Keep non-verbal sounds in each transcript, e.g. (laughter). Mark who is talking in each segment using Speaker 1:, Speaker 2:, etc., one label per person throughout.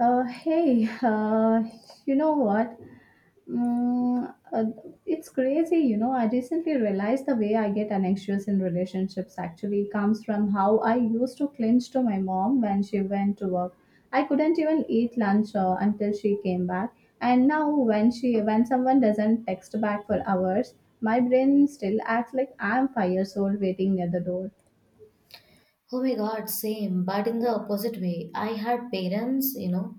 Speaker 1: Hey, you know what? Mm, it's crazy, you know. I recently realized the way I get anxious in relationships actually comes from how I used to clinch to my mom when she went to work. I couldn't even eat lunch until she came back, and now when she when someone doesn't text back for hours, my brain still acts like I'm 5 years old waiting near the door.
Speaker 2: Oh my God, same, but in the opposite way. I had parents, you know,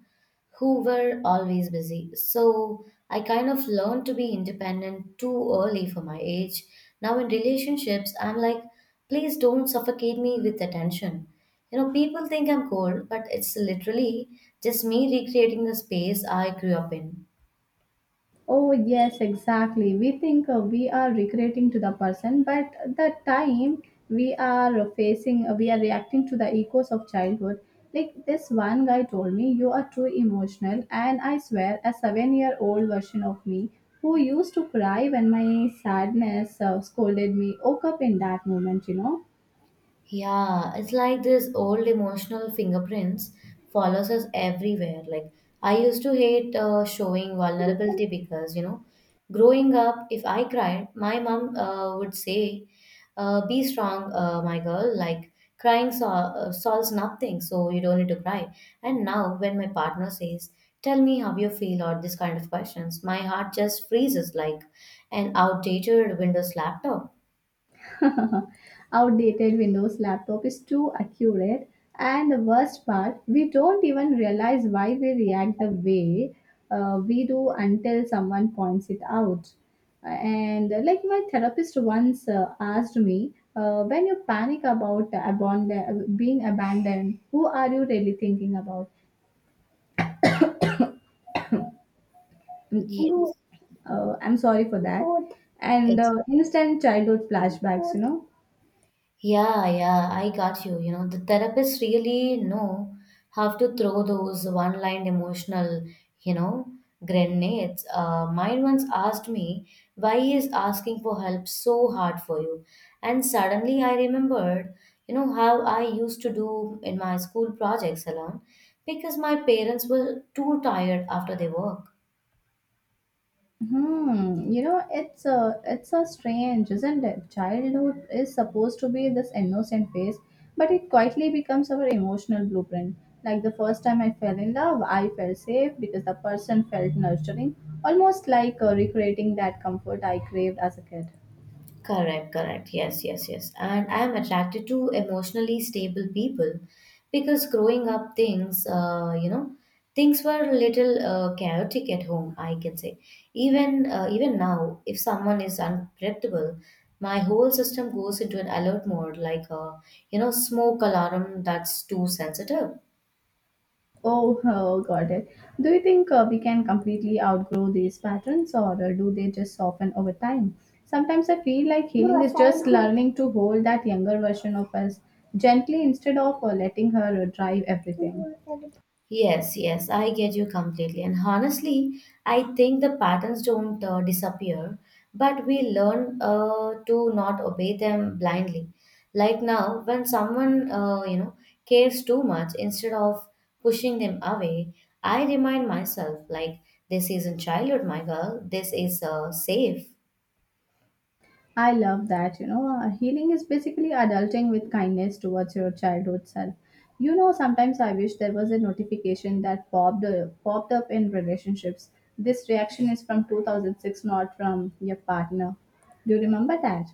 Speaker 2: who were always busy. So I kind of learned to be independent too early for my age. Now in relationships, I'm like, please don't suffocate me with attention. You know, people think I'm cold, but it's literally just me recreating the space I grew up in.
Speaker 1: Oh, yes, exactly. We think we are recreating to the person, but the time we are facing, we are reacting to the echoes of childhood. Like this one guy told me, you are too emotional, and I swear, a 7 year old version of me who used to cry when my sadness scolded me woke up in that moment, you know.
Speaker 2: Yeah, it's like this old emotional fingerprints follows us everywhere. Like I used to hate showing vulnerability because you know, growing up, if I cried, my mom would say, "Be strong, my girl." Like solves nothing, so you don't need to cry. And now, when my partner says, "Tell me how you feel," or this kind of questions, my heart just freezes like an outdated Windows laptop.
Speaker 1: (laughs) Outdated Windows laptop is too accurate, and the worst part, we don't even realize why we react the way we do until someone points it out. And like my therapist once asked me, when you panic about being abandoned, who are you really thinking about? Mm,
Speaker 2: Yes,
Speaker 1: uh, I'm sorry for that. And
Speaker 2: it's
Speaker 1: Instant childhood flashbacks, you know.
Speaker 2: Yeah, yeah, I got you. You know, the therapists really know how to throw those one-line emotional, you know, grenades. Mine once asked me, why is asking for help so hard for you? And suddenly I remembered, you know, how I used to do in my school projects alone because my parents were too tired after they work.
Speaker 1: Hmm, you know, it's a strange, isn't it? Childhood is supposed to be this innocent phase, but it quietly becomes our emotional blueprint. Like the first time I fell in love, I felt safe because the person felt nurturing, almost like recreating that comfort I craved as a kid.
Speaker 2: Correct, correct. Yes, yes, yes. And I am attracted to emotionally stable people because growing up, you know, things were a little chaotic at home, I can say. Even now, if someone is unpredictable, my whole system goes into an alert mode, like a, you know, smoke alarm that's too sensitive.
Speaker 1: Oh, oh, got it. Do you think we can completely outgrow these patterns or do they just soften over time? Sometimes I feel like healing is just learning to hold that younger version of us gently instead of letting her drive everything.
Speaker 2: Yes, yes, I get you completely. And honestly, I think the patterns don't disappear, but we learn to not obey them blindly. Like now, when someone you know cares too much, instead of pushing them away, I remind myself like this isn't childhood, my girl. This is safe.
Speaker 1: I love that. You know, healing is basically adulting with kindness towards your childhood self. You know, sometimes I wish there was a notification that popped up in relationships. This reaction is from 2006, not from your partner. Do you remember that?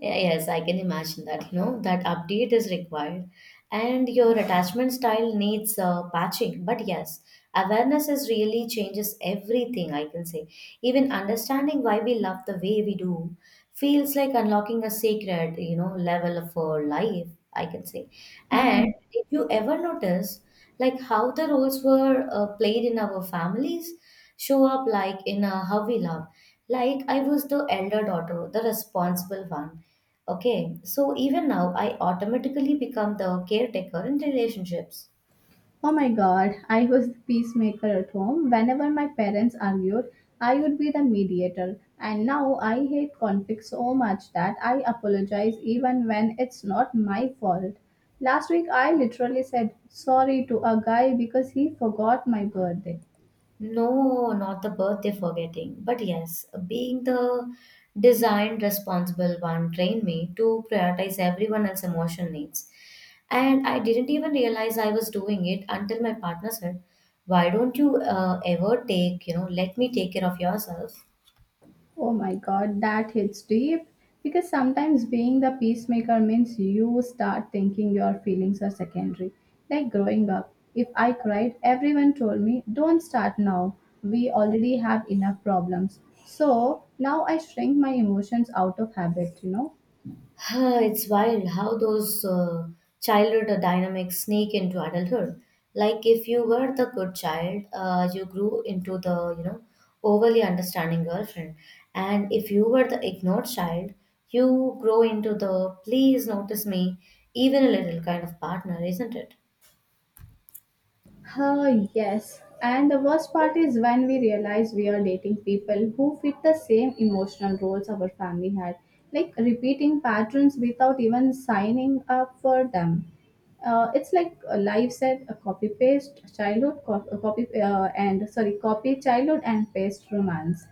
Speaker 2: Yeah, yes, I can imagine that, you know, that update is required and your attachment style needs patching. But yes, awareness is really changes everything, I can say. Even understanding why we love the way we do feels like unlocking a sacred, you know, level of our life, I can say. And if you ever notice like how the roles were played in our families show up like in how we love? Like I was the elder daughter, the responsible one. Okay, so even now I automatically become the caretaker in relationships.
Speaker 1: Oh my god, I was the peacemaker at home. Whenever my parents argued, I would be the mediator. And now I hate conflict so much that I apologize even when it's not my fault. Last week I literally said sorry to a guy because he forgot my birthday.
Speaker 2: No, not the birthday forgetting, but yes, being the designed responsible one trained me to prioritize everyone else's emotional needs. And I didn't even realize I was doing it until my partner said, why don't you ever take, you know, let me take care of yourself?
Speaker 1: Oh my god, that hits deep. Because sometimes being the peacemaker means you start thinking your feelings are secondary. Like growing up, if I cried, everyone told me, don't start now. We already have enough problems. So now I shrink my emotions out of habit, you know.
Speaker 2: Huh, it's wild how those childhood dynamics sneak into adulthood. Like if you were the good child, you grew into the, you know, overly understanding girlfriend, and if you were the ignored child, you grow into the please notice me even a little kind of partner, isn't it?
Speaker 1: Oh, yes. And the worst part is when we realize we are dating people who fit the same emotional roles our family had, like repeating patterns without even signing up for them. It's like a life said a copy paste childhood co- a copy and sorry copy childhood and paste romance.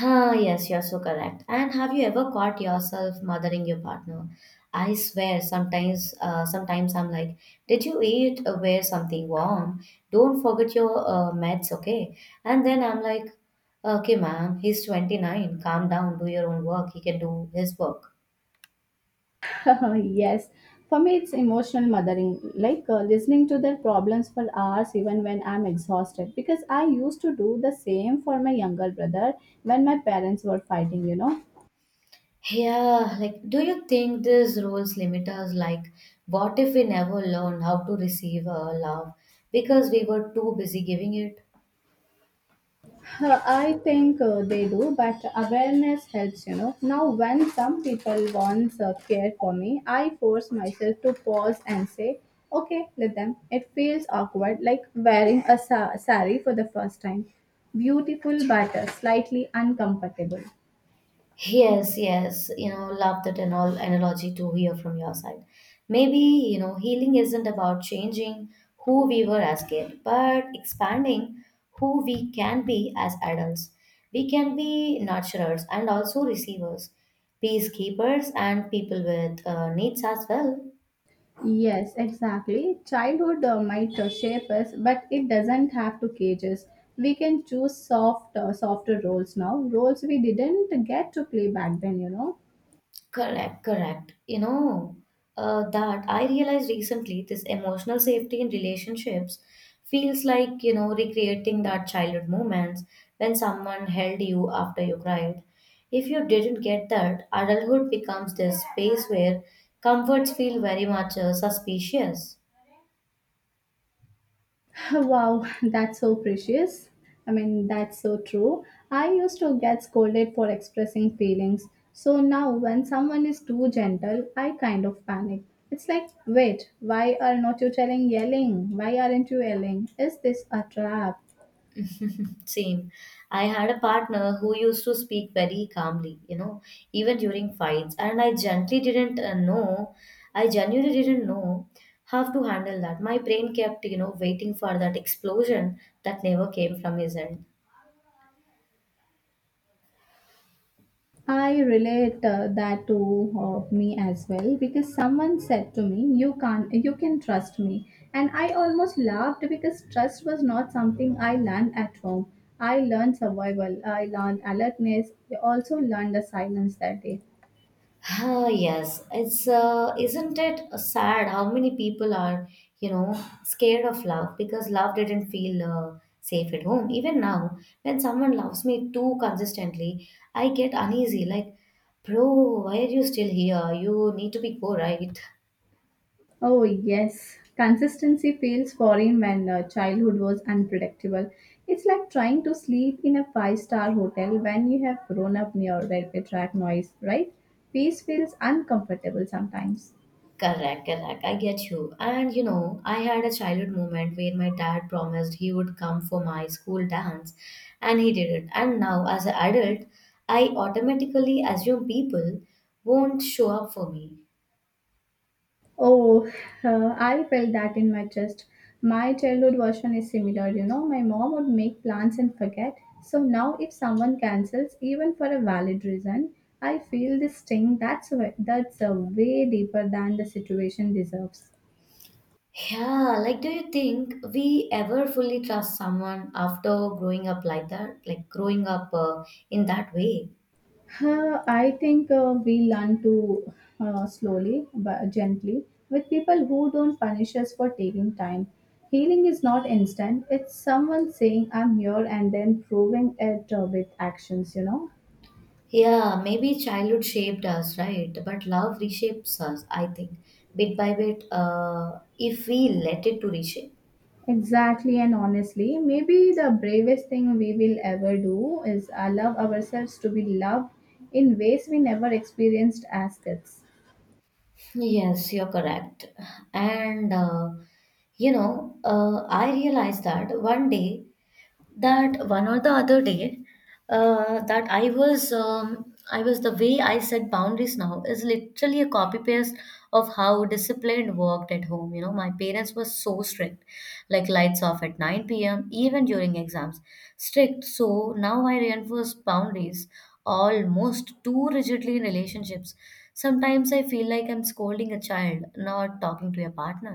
Speaker 2: Ah, yes, you're so correct. And have you ever caught yourself mothering your partner? I swear, sometimes I'm like, did you eat or wear something warm? Don't forget your meds, okay? And then I'm like, okay, ma'am, he's 29. Calm down, do your own work. He can do his work.
Speaker 1: (laughs) Yes. For me, it's emotional mothering, like listening to their problems for hours, even when I'm exhausted. Because I used to do the same for my younger brother when my parents were fighting, you know.
Speaker 2: Yeah, like, do you think these rules limit us? Like, what if we never learned how to receive love because we were too busy giving it?
Speaker 1: I think they do, but awareness helps, you know. Now, when some people wants care for me, I force myself to pause and say, okay, let them. It feels awkward, like wearing a sari for the first time. Beautiful, but slightly uncomfortable.
Speaker 2: Yes, yes, you know, love that and all analogy to hear from your side. Maybe, you know, healing isn't about changing who we were as kids, but expanding who we can be as adults. We can be nurturers and also receivers, peacekeepers, and people with needs as well.
Speaker 1: Yes, exactly. Childhood might shape us, but it doesn't have to cage us. We can choose softer roles now, roles we didn't get to play back then, you know.
Speaker 2: Correct, correct. You know, that I realized recently this emotional safety in relationships feels like, you know, recreating that childhood moments when someone held you after you cried. If you didn't get that, adulthood becomes this space where comforts feel very much suspicious.
Speaker 1: (laughs) (sighs) Wow, that's so precious. I mean, that's so true. I used to get scolded for expressing feelings. So now, when someone is too gentle, I kind of panic. It's like, wait, why are not you telling yelling? Why aren't you yelling? Is this a trap?
Speaker 2: Same. I had a partner who used to speak very calmly, you know, even during fights, and I genuinely didn't know how to handle that. My brain kept, you know, waiting for that explosion that never came from his end.
Speaker 1: I relate that to me as well because someone said to me, "You can't, you can trust me," and I almost laughed because trust was not something I learned at home. I learned survival. I learned alertness. I also learned the silence that day.
Speaker 2: Ah, yes, it's isn't it sad how many people are, you know, scared of love because love didn't feel safe at home. Even now, when someone loves me too consistently, I get uneasy. Like, bro, why are you still here? You need to be go right.
Speaker 1: Oh yes, consistency feels foreign when childhood was unpredictable. It's like trying to sleep in a five-star hotel when you have grown up near railway track noise, right? Peace feels uncomfortable sometimes.
Speaker 2: Correct, correct. I get you. And you know, I had a childhood moment where my dad promised he would come for my school dance, and he did it. And now, as an adult, I automatically assume people won't show up for me.
Speaker 1: Oh, I felt that in my chest. My childhood version is similar, you know. My mom would make plans and forget. So now, if someone cancels, even for a valid reason, I feel this sting that's way deeper than the situation deserves.
Speaker 2: Yeah, like, do you think we ever fully trust someone after growing up like that? Like, growing up in that way?
Speaker 1: Huh, I think we learn to slowly but gently with people who don't punish us for taking time. Healing is not instant, it's someone saying, I'm here, and then proving it with actions, you know.
Speaker 2: Yeah, maybe childhood shaped us, right? But love reshapes us, I think, bit by bit, if we let it to reshape.
Speaker 1: Exactly and honestly, maybe the bravest thing we will ever do is allow ourselves to be loved in ways we never experienced as kids.
Speaker 2: Yes, you're correct. And you know, I realized that one day, that one or the other day that I was I was the way I set boundaries now is literally a copy paste of how discipline worked at home. You know, my parents were so strict, like lights off at 9 p.m. even during exams. Strict. So now I reinforce boundaries almost too rigidly in relationships. Sometimes I feel like I'm scolding a child, not talking to a partner.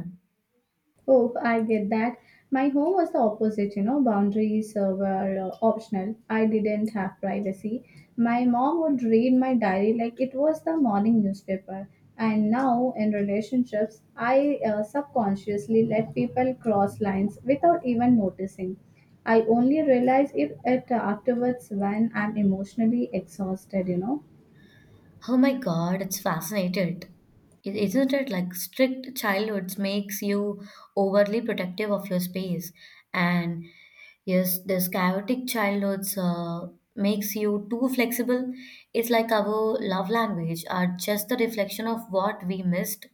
Speaker 1: Oh, I get that. My home was the opposite, you know, boundaries were optional. I didn't have privacy. My mom would read my diary like it was the morning newspaper. And now, in relationships, I subconsciously let people cross lines without even noticing. I only realize it afterwards when I'm emotionally exhausted, you know.
Speaker 2: Oh my God, it's fascinated. Isn't it like strict childhoods makes you overly protective of your space? And yes, this chaotic childhoods makes you too flexible. It's like our love language are just the reflection of what we missed.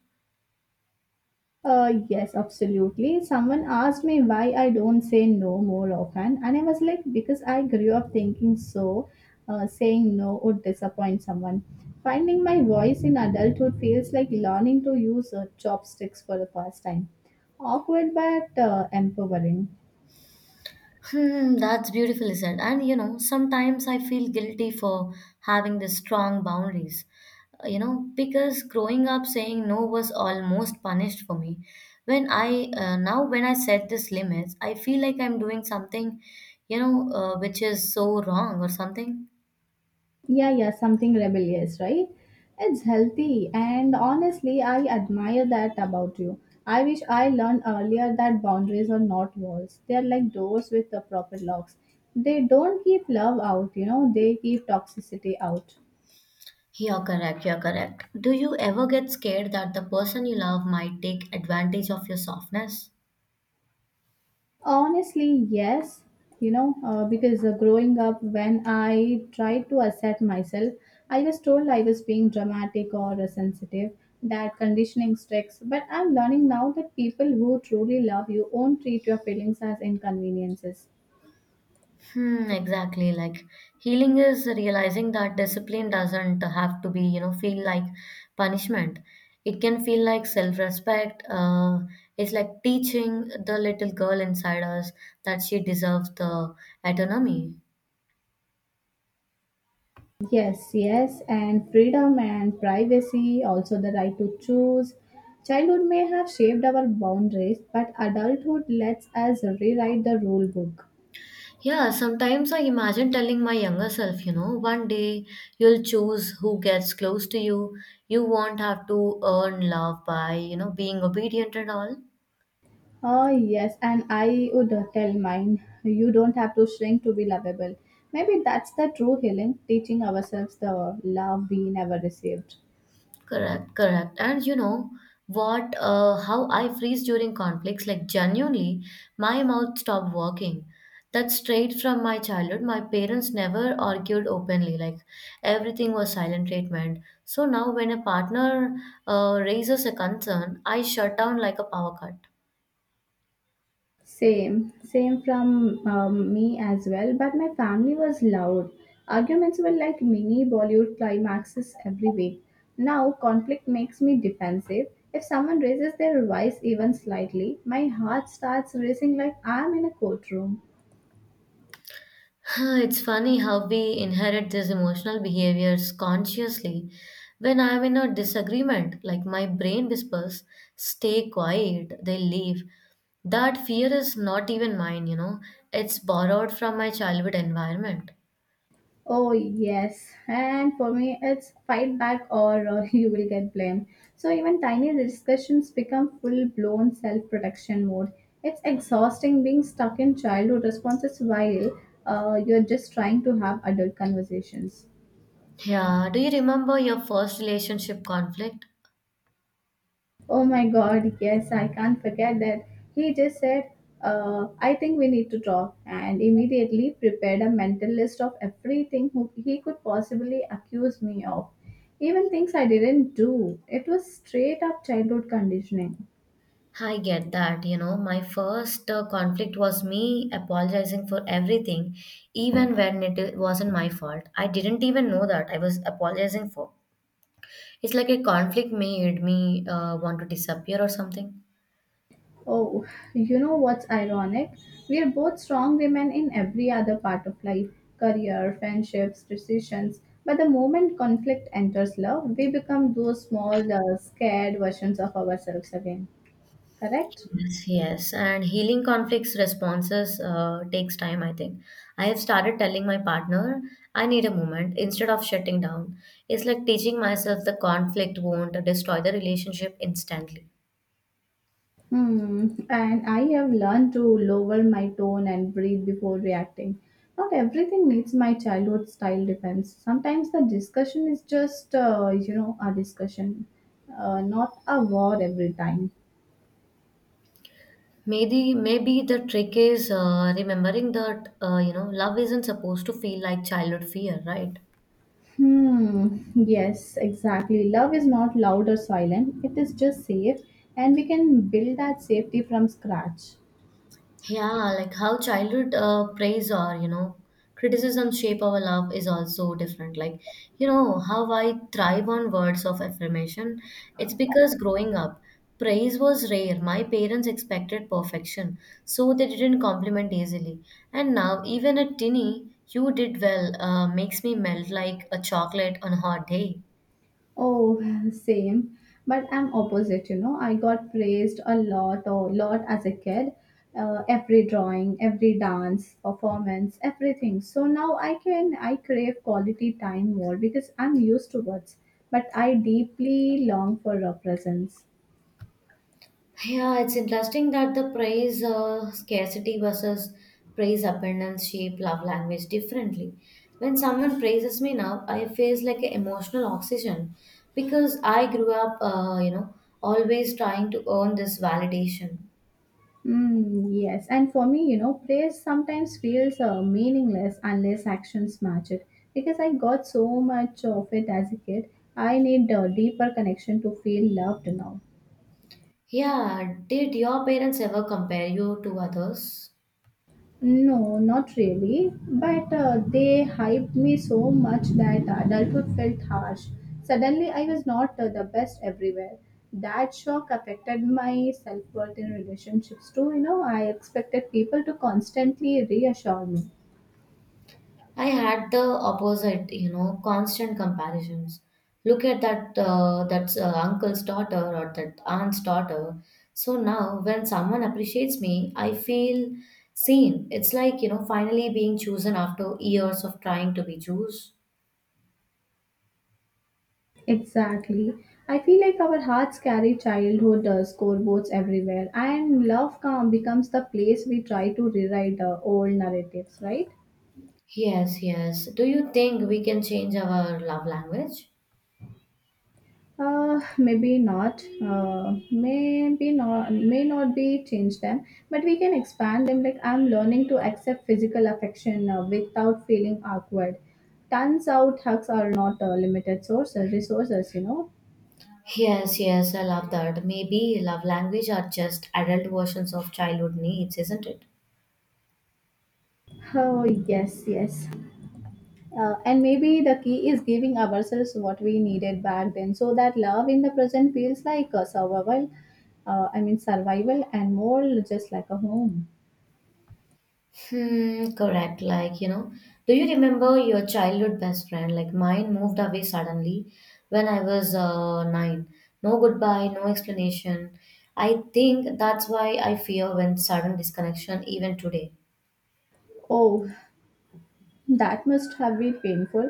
Speaker 1: Yes, absolutely. Someone asked me why I don't say no more often, and I was like, because I grew up thinking so, saying no would disappoint someone. Finding my voice in adulthood feels like learning to use chopsticks for the first time. Awkward but empowering.
Speaker 2: Hmm, that's beautifully said. And you know, sometimes I feel guilty for having these strong boundaries. You know, because growing up saying no was almost punished for me. When I now when I set these limits, I feel like I'm doing something, you know, which is so wrong or something.
Speaker 1: Yeah, yeah, something rebellious, right? It's healthy, and honestly, I admire that about you. I wish I learned earlier that boundaries are not walls, they are like doors with the proper locks. They don't keep love out, you know, they keep toxicity out.
Speaker 2: You're correct. You're correct. Do you ever get scared that the person you love might take advantage of your softness?
Speaker 1: Honestly, yes. You know, because growing up, when I tried to assert myself, I was told I was being dramatic or sensitive. That conditioning sticks. But I'm learning now that people who truly love you won't treat your feelings as inconveniences.
Speaker 2: Hmm, exactly. Like healing is realizing that discipline doesn't have to be, you know, feel like punishment. It can feel like self-respect. It's like teaching the little girl inside us that she deserves the autonomy.
Speaker 1: Yes, yes, and freedom and privacy, also the right to choose. Childhood may have shaped our boundaries, but adulthood lets us rewrite the rule book.
Speaker 2: Yeah, sometimes I imagine telling my younger self, you know, one day you'll choose who gets close to you. You won't have to earn love by, you know, being obedient and all.
Speaker 1: Oh, yes, and I would tell mine. You don't have to shrink to be lovable. Maybe that's the true healing, teaching ourselves the love we never received.
Speaker 2: Correct, correct. And you know what, how I freeze during conflicts, like genuinely, my mouth stopped working. That's straight from my childhood. My parents never argued openly, like everything was silent treatment. So now when a partner raises a concern, I shut down like a power cut.
Speaker 1: Same, same from me as well, but my family was loud. Arguments were like mini Bollywood climaxes every week. Now, conflict makes me defensive. If someone raises their voice even slightly, my heart starts racing like I'm in a courtroom.
Speaker 2: Huh, it's funny how we inherit these emotional behaviors consciously. When I'm in a disagreement, like my brain whispers, stay quiet, they leave. That fear is not even mine, you know. It's borrowed from my childhood environment.
Speaker 1: Oh, yes. And for me, it's fight back or (laughs) you will get blamed. So even tiny discussions become full blown self protection mode. It's exhausting being stuck in childhood responses while you're just trying to have adult conversations.
Speaker 2: Yeah, do you remember your first relationship conflict?
Speaker 1: Oh my God, yes, I can't forget that. He just said, I think we need to talk, and immediately prepared a mental list of everything who he could possibly accuse me of. Even things I didn't do. It was straight up childhood conditioning.
Speaker 2: I get that, you know. My first conflict was me apologizing for everything, even when it wasn't my fault. I didn't even know that I was apologizing for. It's like a conflict made me want to disappear or something.
Speaker 1: Oh, you know what's ironic? We are both strong women in every other part of life career, friendships, decisions. But the moment conflict enters love, we become those small, scared versions of ourselves again. Correct?
Speaker 2: Yes, yes, and healing conflicts responses takes time, I think. I have started telling my partner, I need a moment instead of shutting down. It's like teaching myself the conflict won't destroy the relationship instantly.
Speaker 1: Hmm. And I have learned to lower my tone and breathe before reacting. Not everything needs my childhood style defense. Sometimes the discussion is just, you know, a discussion, not a war every time.
Speaker 2: Maybe the trick is remembering that you know love isn't supposed to feel like childhood fear, right?
Speaker 1: Hmm. Yes, exactly. Love is not loud or silent. It is just safe, and we can build that safety from scratch.
Speaker 2: Yeah, like how childhood praise or, you know, criticism shape our love is also different. Like, you know, how I thrive on words of affirmation. It's because growing up, praise was rare. My parents expected perfection, so they didn't compliment easily. And now, even a tinny, you did well, makes me melt like a chocolate on a hot day.
Speaker 1: Oh, (laughs) same. But I'm opposite, you know. I got praised a lot as a kid. Every drawing, every dance, performance, everything. So now I crave quality time more because I'm used to words. But I deeply long for a presence.
Speaker 2: Yeah, it's interesting that the praise scarcity versus praise abundance shape love language differently. When someone praises me now, I feel like an emotional oxygen because I grew up, you know, always trying to earn this validation.
Speaker 1: Mm, yes, and for me, you know, praise sometimes feels meaningless unless actions match it. Because I got so much of it as a kid, I need a deeper connection to feel loved now.
Speaker 2: Yeah, did your parents ever compare you to others?
Speaker 1: No, not really. But they hyped me so much that adulthood felt harsh. Suddenly, I was not the best everywhere. That shock affected my self worth in relationships too. You know, I expected people to constantly reassure me.
Speaker 2: I had the opposite, you know, constant comparisons. Look at that uncle's daughter or that aunt's daughter. So now, when someone appreciates me, I feel seen. It's like, you know, finally being chosen after years of trying to be chosen.
Speaker 1: Exactly. I feel like our hearts carry childhood scoreboards everywhere, and becomes the place we try to rewrite old narratives, right?
Speaker 2: Yes, yes. Do you think we can change our love language?
Speaker 1: Maybe not. May not be change them, but we can expand them. Like I'm learning to accept physical affection without feeling awkward. Turns out hugs are not limited sources resources. You know.
Speaker 2: Yes, yes. I love that. Maybe love language are just adult versions of childhood needs, isn't it?
Speaker 1: Oh yes, yes. And maybe the key is giving ourselves what we needed back then, so that love in the present feels like a survival. I mean survival, and more just like a home.
Speaker 2: Hmm, correct. Like, you know, do you remember your childhood best friend? Like mine moved away suddenly when I was nine. No goodbye, no explanation. I think that's why I fear when sudden disconnection even today.
Speaker 1: Oh, that must have been painful.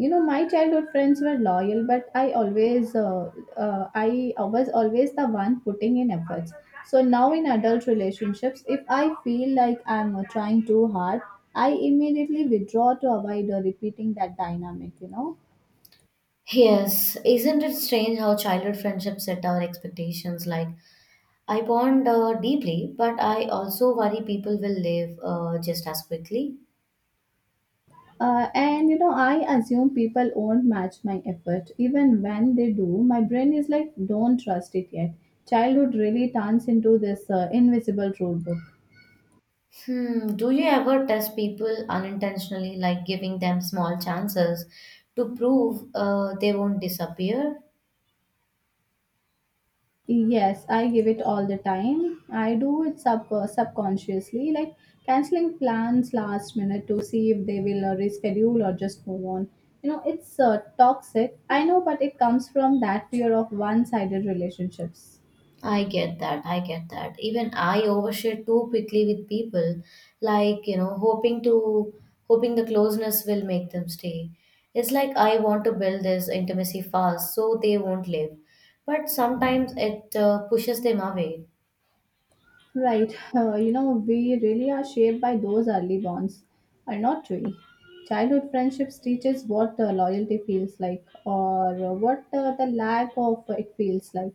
Speaker 1: You know, my childhood friends were loyal, but I always I was always the one putting in efforts. So now in adult relationships, if I feel like I'm trying too hard, I immediately withdraw to avoid repeating that dynamic, you know.
Speaker 2: Yes, isn't it strange how childhood friendships set our expectations? Like, I bond deeply, but I also worry people will leave just as quickly.
Speaker 1: And you know, I assume people won't match my effort. Even when they do, my brain is like, don't trust it yet. Childhood really turns into this invisible rule book.
Speaker 2: Hmm, do you ever test people unintentionally, like giving them small chances to prove they won't disappear?
Speaker 1: Yes, I give it all the time. I do it subconsciously, like canceling plans last minute to see if they will reschedule or just move on. You know, it's toxic, I know, but it comes from that fear of one-sided relationships.
Speaker 2: I get that, I get that. Even I overshare too quickly with people, like, you know, hoping to hoping the closeness will make them stay. It's like I want to build this intimacy fast so they won't leave. But sometimes it pushes them away.
Speaker 1: Right. You know, we really are shaped by those early bonds, are not we? Childhood friendships teaches what loyalty feels like, or what the lack of it feels like.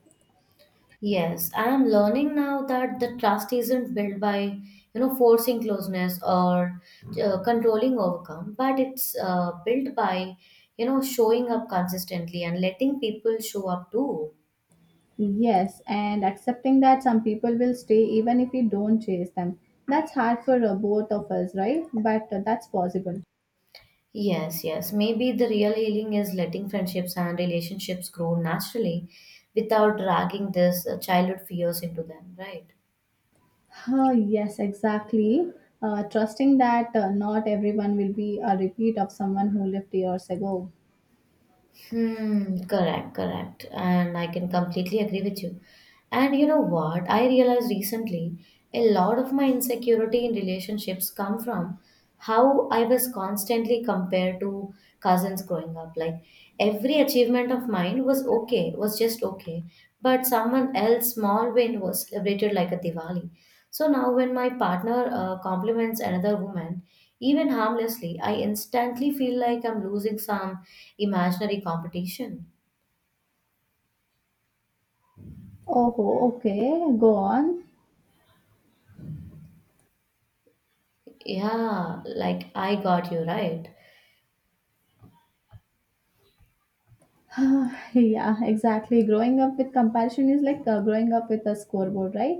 Speaker 2: Yes, I am learning now that the trust isn't built by, you know, forcing closeness or controlling overcome, but it's built by, you know, showing up consistently and letting people show up too.
Speaker 1: Yes, and accepting that some people will stay even if we don't chase them. That's hard for both of us, right? But that's possible.
Speaker 2: Yes, yes. Maybe the real healing is letting friendships and relationships grow naturally without dragging this childhood fears into them, right?
Speaker 1: Ah, yes, exactly. Trusting that not everyone will be a repeat of someone who lived years ago.
Speaker 2: Hmm, correct, correct. And I can completely agree with you. And you know what? I realized recently a lot of my insecurity in relationships come from how I was constantly compared to cousins growing up. Like every achievement of mine was okay, was just okay. But someone else's small win was celebrated like a Diwali. So now, when my partner compliments another woman, even harmlessly, I instantly feel like I'm losing some imaginary competition.
Speaker 1: Oh, okay, go on.
Speaker 2: Yeah, like I got you right.
Speaker 1: (sighs) Yeah, exactly. Growing up with compassion is like growing up with a scoreboard, right?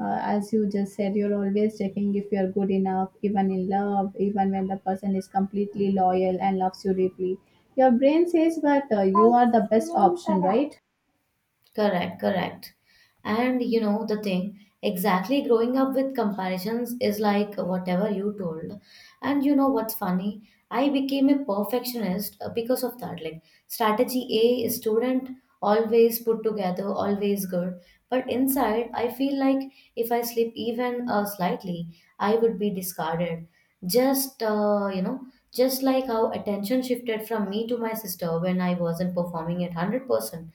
Speaker 1: As you just said, you're always checking if you're good enough, even in love, even when the person is completely loyal and loves you deeply. Your brain says, but you are the best option, right?
Speaker 2: Correct, correct. And you know the thing, exactly growing up with comparisons is like whatever you told. And you know what's funny? I became a perfectionist because of that. Like strategy A student, always put together, always good. But inside, I feel like if I slip even slightly, I would be discarded. Just You know, just like how attention shifted from me to my sister when I wasn't performing at 100%.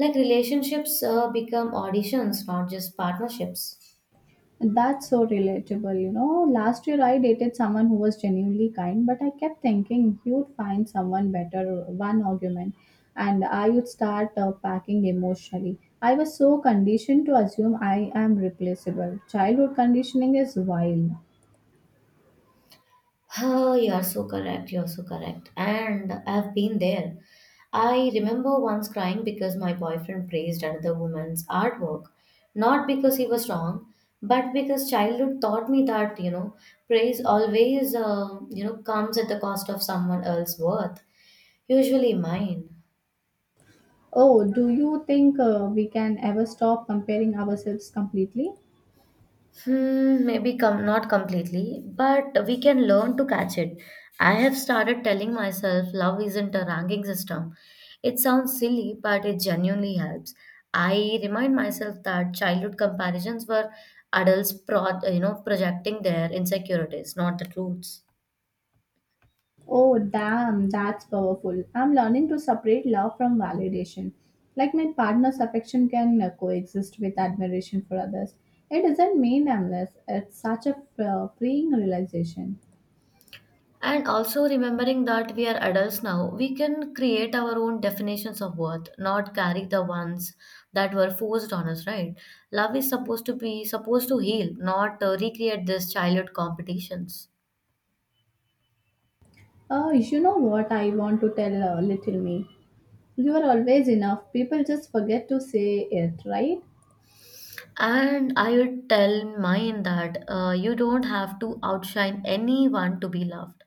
Speaker 2: Like relationships become auditions, not just partnerships.
Speaker 1: That's so relatable. You know, last year I dated someone who was genuinely kind, but I kept thinking he would find someone better. One argument and I would start packing emotionally. I was so conditioned to assume I am replaceable. Childhood conditioning is wild.
Speaker 2: Oh, you are so correct. You are so correct. And I've been there. I remember once crying because my boyfriend praised another woman's artwork, not because he was wrong, but because childhood taught me that, you know, praise always, you know, comes at the cost of someone else's worth, usually mine.
Speaker 1: Oh, do you think we can ever stop comparing ourselves completely?
Speaker 2: Hmm, maybe not completely, but we can learn to catch it. I have started telling myself love isn't a ranking system. It sounds silly, but it genuinely helps. I remind myself that childhood comparisons were you know, projecting their insecurities, not the truths.
Speaker 1: Oh, damn, that's powerful. I'm learning to separate love from validation. Like, my partner's affection can coexist with admiration for others. It doesn't mean I'm less. It's such a freeing realization.
Speaker 2: And also remembering that we are adults now, we can create our own definitions of worth, not carry the ones that were forced on us, right? Love is supposed to heal, not recreate these childhood competitions.
Speaker 1: Oh, you know what I want to tell little me? You are always enough. People just forget to say it, right?
Speaker 2: And I would tell mine that you don't have to outshine anyone to be loved.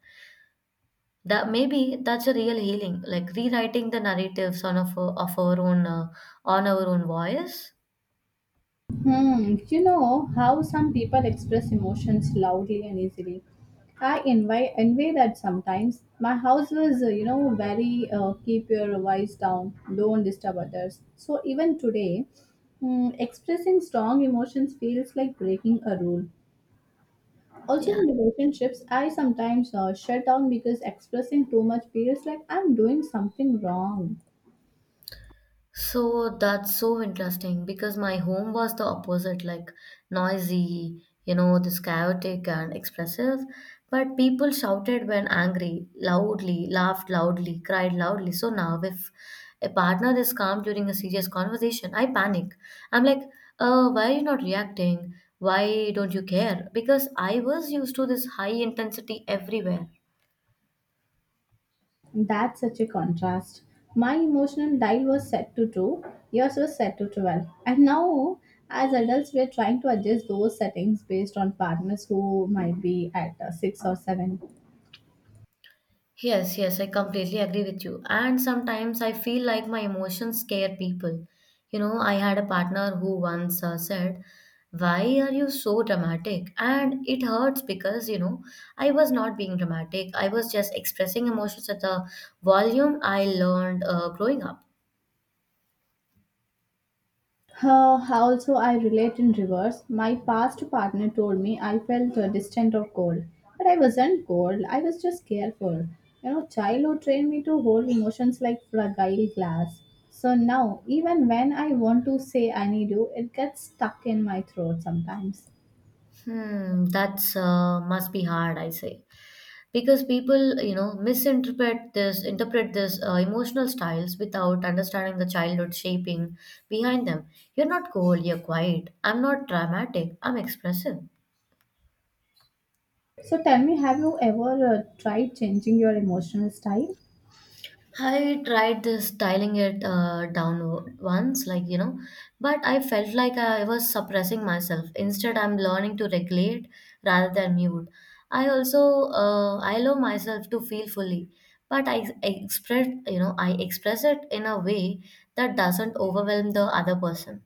Speaker 2: That maybe that's a real healing, like rewriting the narratives on of our own on our own voice.
Speaker 1: Hmm, you know how some people express emotions loudly and easily. I envy that sometimes. My house was, you know, very, keep your voice down, don't disturb others. So even today, mm, expressing strong emotions feels like breaking a rule. Also
Speaker 2: Yeah.
Speaker 1: in relationships, I sometimes shut down because expressing too much feels like I'm doing something wrong.
Speaker 2: So that's so interesting because my home was the opposite, like noisy, you know, this chaotic and expressive. But people shouted when angry, loudly, laughed loudly, cried loudly. So now, if a partner is calm during a serious conversation, I panic. I'm like, why are you not reacting? Why don't you care? Because I was used to this high intensity everywhere.
Speaker 1: That's such a contrast. My emotional dial was set to 2, yours was set to 12. And now, as adults, we're trying to adjust those settings based on partners who might be at 6 or 7.
Speaker 2: Yes, yes, I completely agree with you. And sometimes I feel like my emotions scare people. You know, I had a partner who once said, why are you so dramatic? And it hurts because, you know, I was not being dramatic. I was just expressing emotions at the volume I learned growing up.
Speaker 1: Also, I relate in reverse. My past partner told me I felt distant or cold, but I wasn't cold. I was just careful. You know, childhood trained me to hold emotions like fragile glass. So now, even when I want to say I need you, it gets stuck in my throat sometimes.
Speaker 2: Hmm, that's must be hard, I say, because people, you know, misinterpret this interpret this emotional styles without understanding the childhood shaping behind them. You're not cold, you're quiet. I'm not dramatic, I'm expressive.
Speaker 1: So tell me, have you ever tried changing your emotional style?
Speaker 2: I tried this dialing it down once, like, you know, but I felt like I was suppressing myself. Instead, I'm learning to regulate rather than mute. I also, I allow myself to feel fully, but I express, you know, I express it in a way that doesn't overwhelm the other person.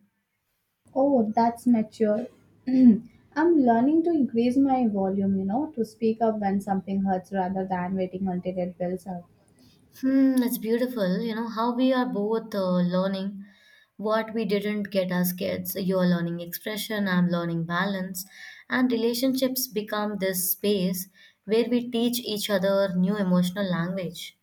Speaker 1: Oh, that's mature. (clears throat) I'm learning to increase my volume, you know, to speak up when something hurts rather than waiting until it builds up.
Speaker 2: Hmm, it's beautiful, you know, how we are both learning what we didn't get as kids. You're learning expression, I'm learning balance, and relationships become this space where we teach each other new emotional language.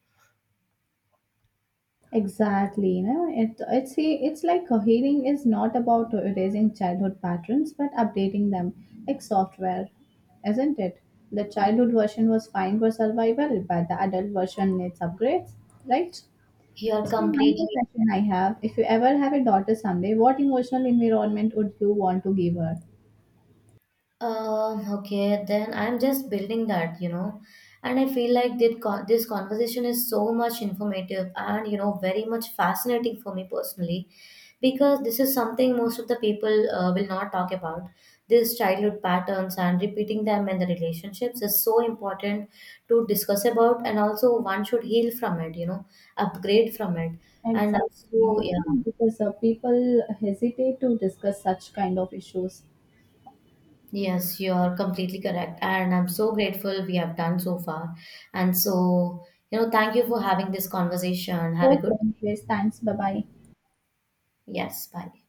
Speaker 1: Exactly, you know, it's like, a healing is not about erasing childhood patterns but updating them like software, isn't it? The childhood version was fine for survival, but the adult version needs upgrades, right?
Speaker 2: You're
Speaker 1: So one more
Speaker 2: completely.
Speaker 1: question I have: if you ever have a daughter someday, what emotional environment would you want to give her?
Speaker 2: Okay, then I'm just building that, you know, and I feel like that con this conversation is so much informative and, you know, very much fascinating for me personally, because this is something most of the people will not talk about. These childhood patterns and repeating them in the relationships is so important to discuss about, and also one should heal from it, you know, upgrade from it. And
Speaker 1: Exactly.
Speaker 2: also,
Speaker 1: You know,
Speaker 2: yeah.
Speaker 1: because people hesitate to discuss such kind of issues.
Speaker 2: Yes, you are completely correct. And I'm so grateful we have done so far. And so, you know, thank you for having this conversation. Have a good.
Speaker 1: Okay, anyways, thanks. Bye bye.
Speaker 2: Yes, bye.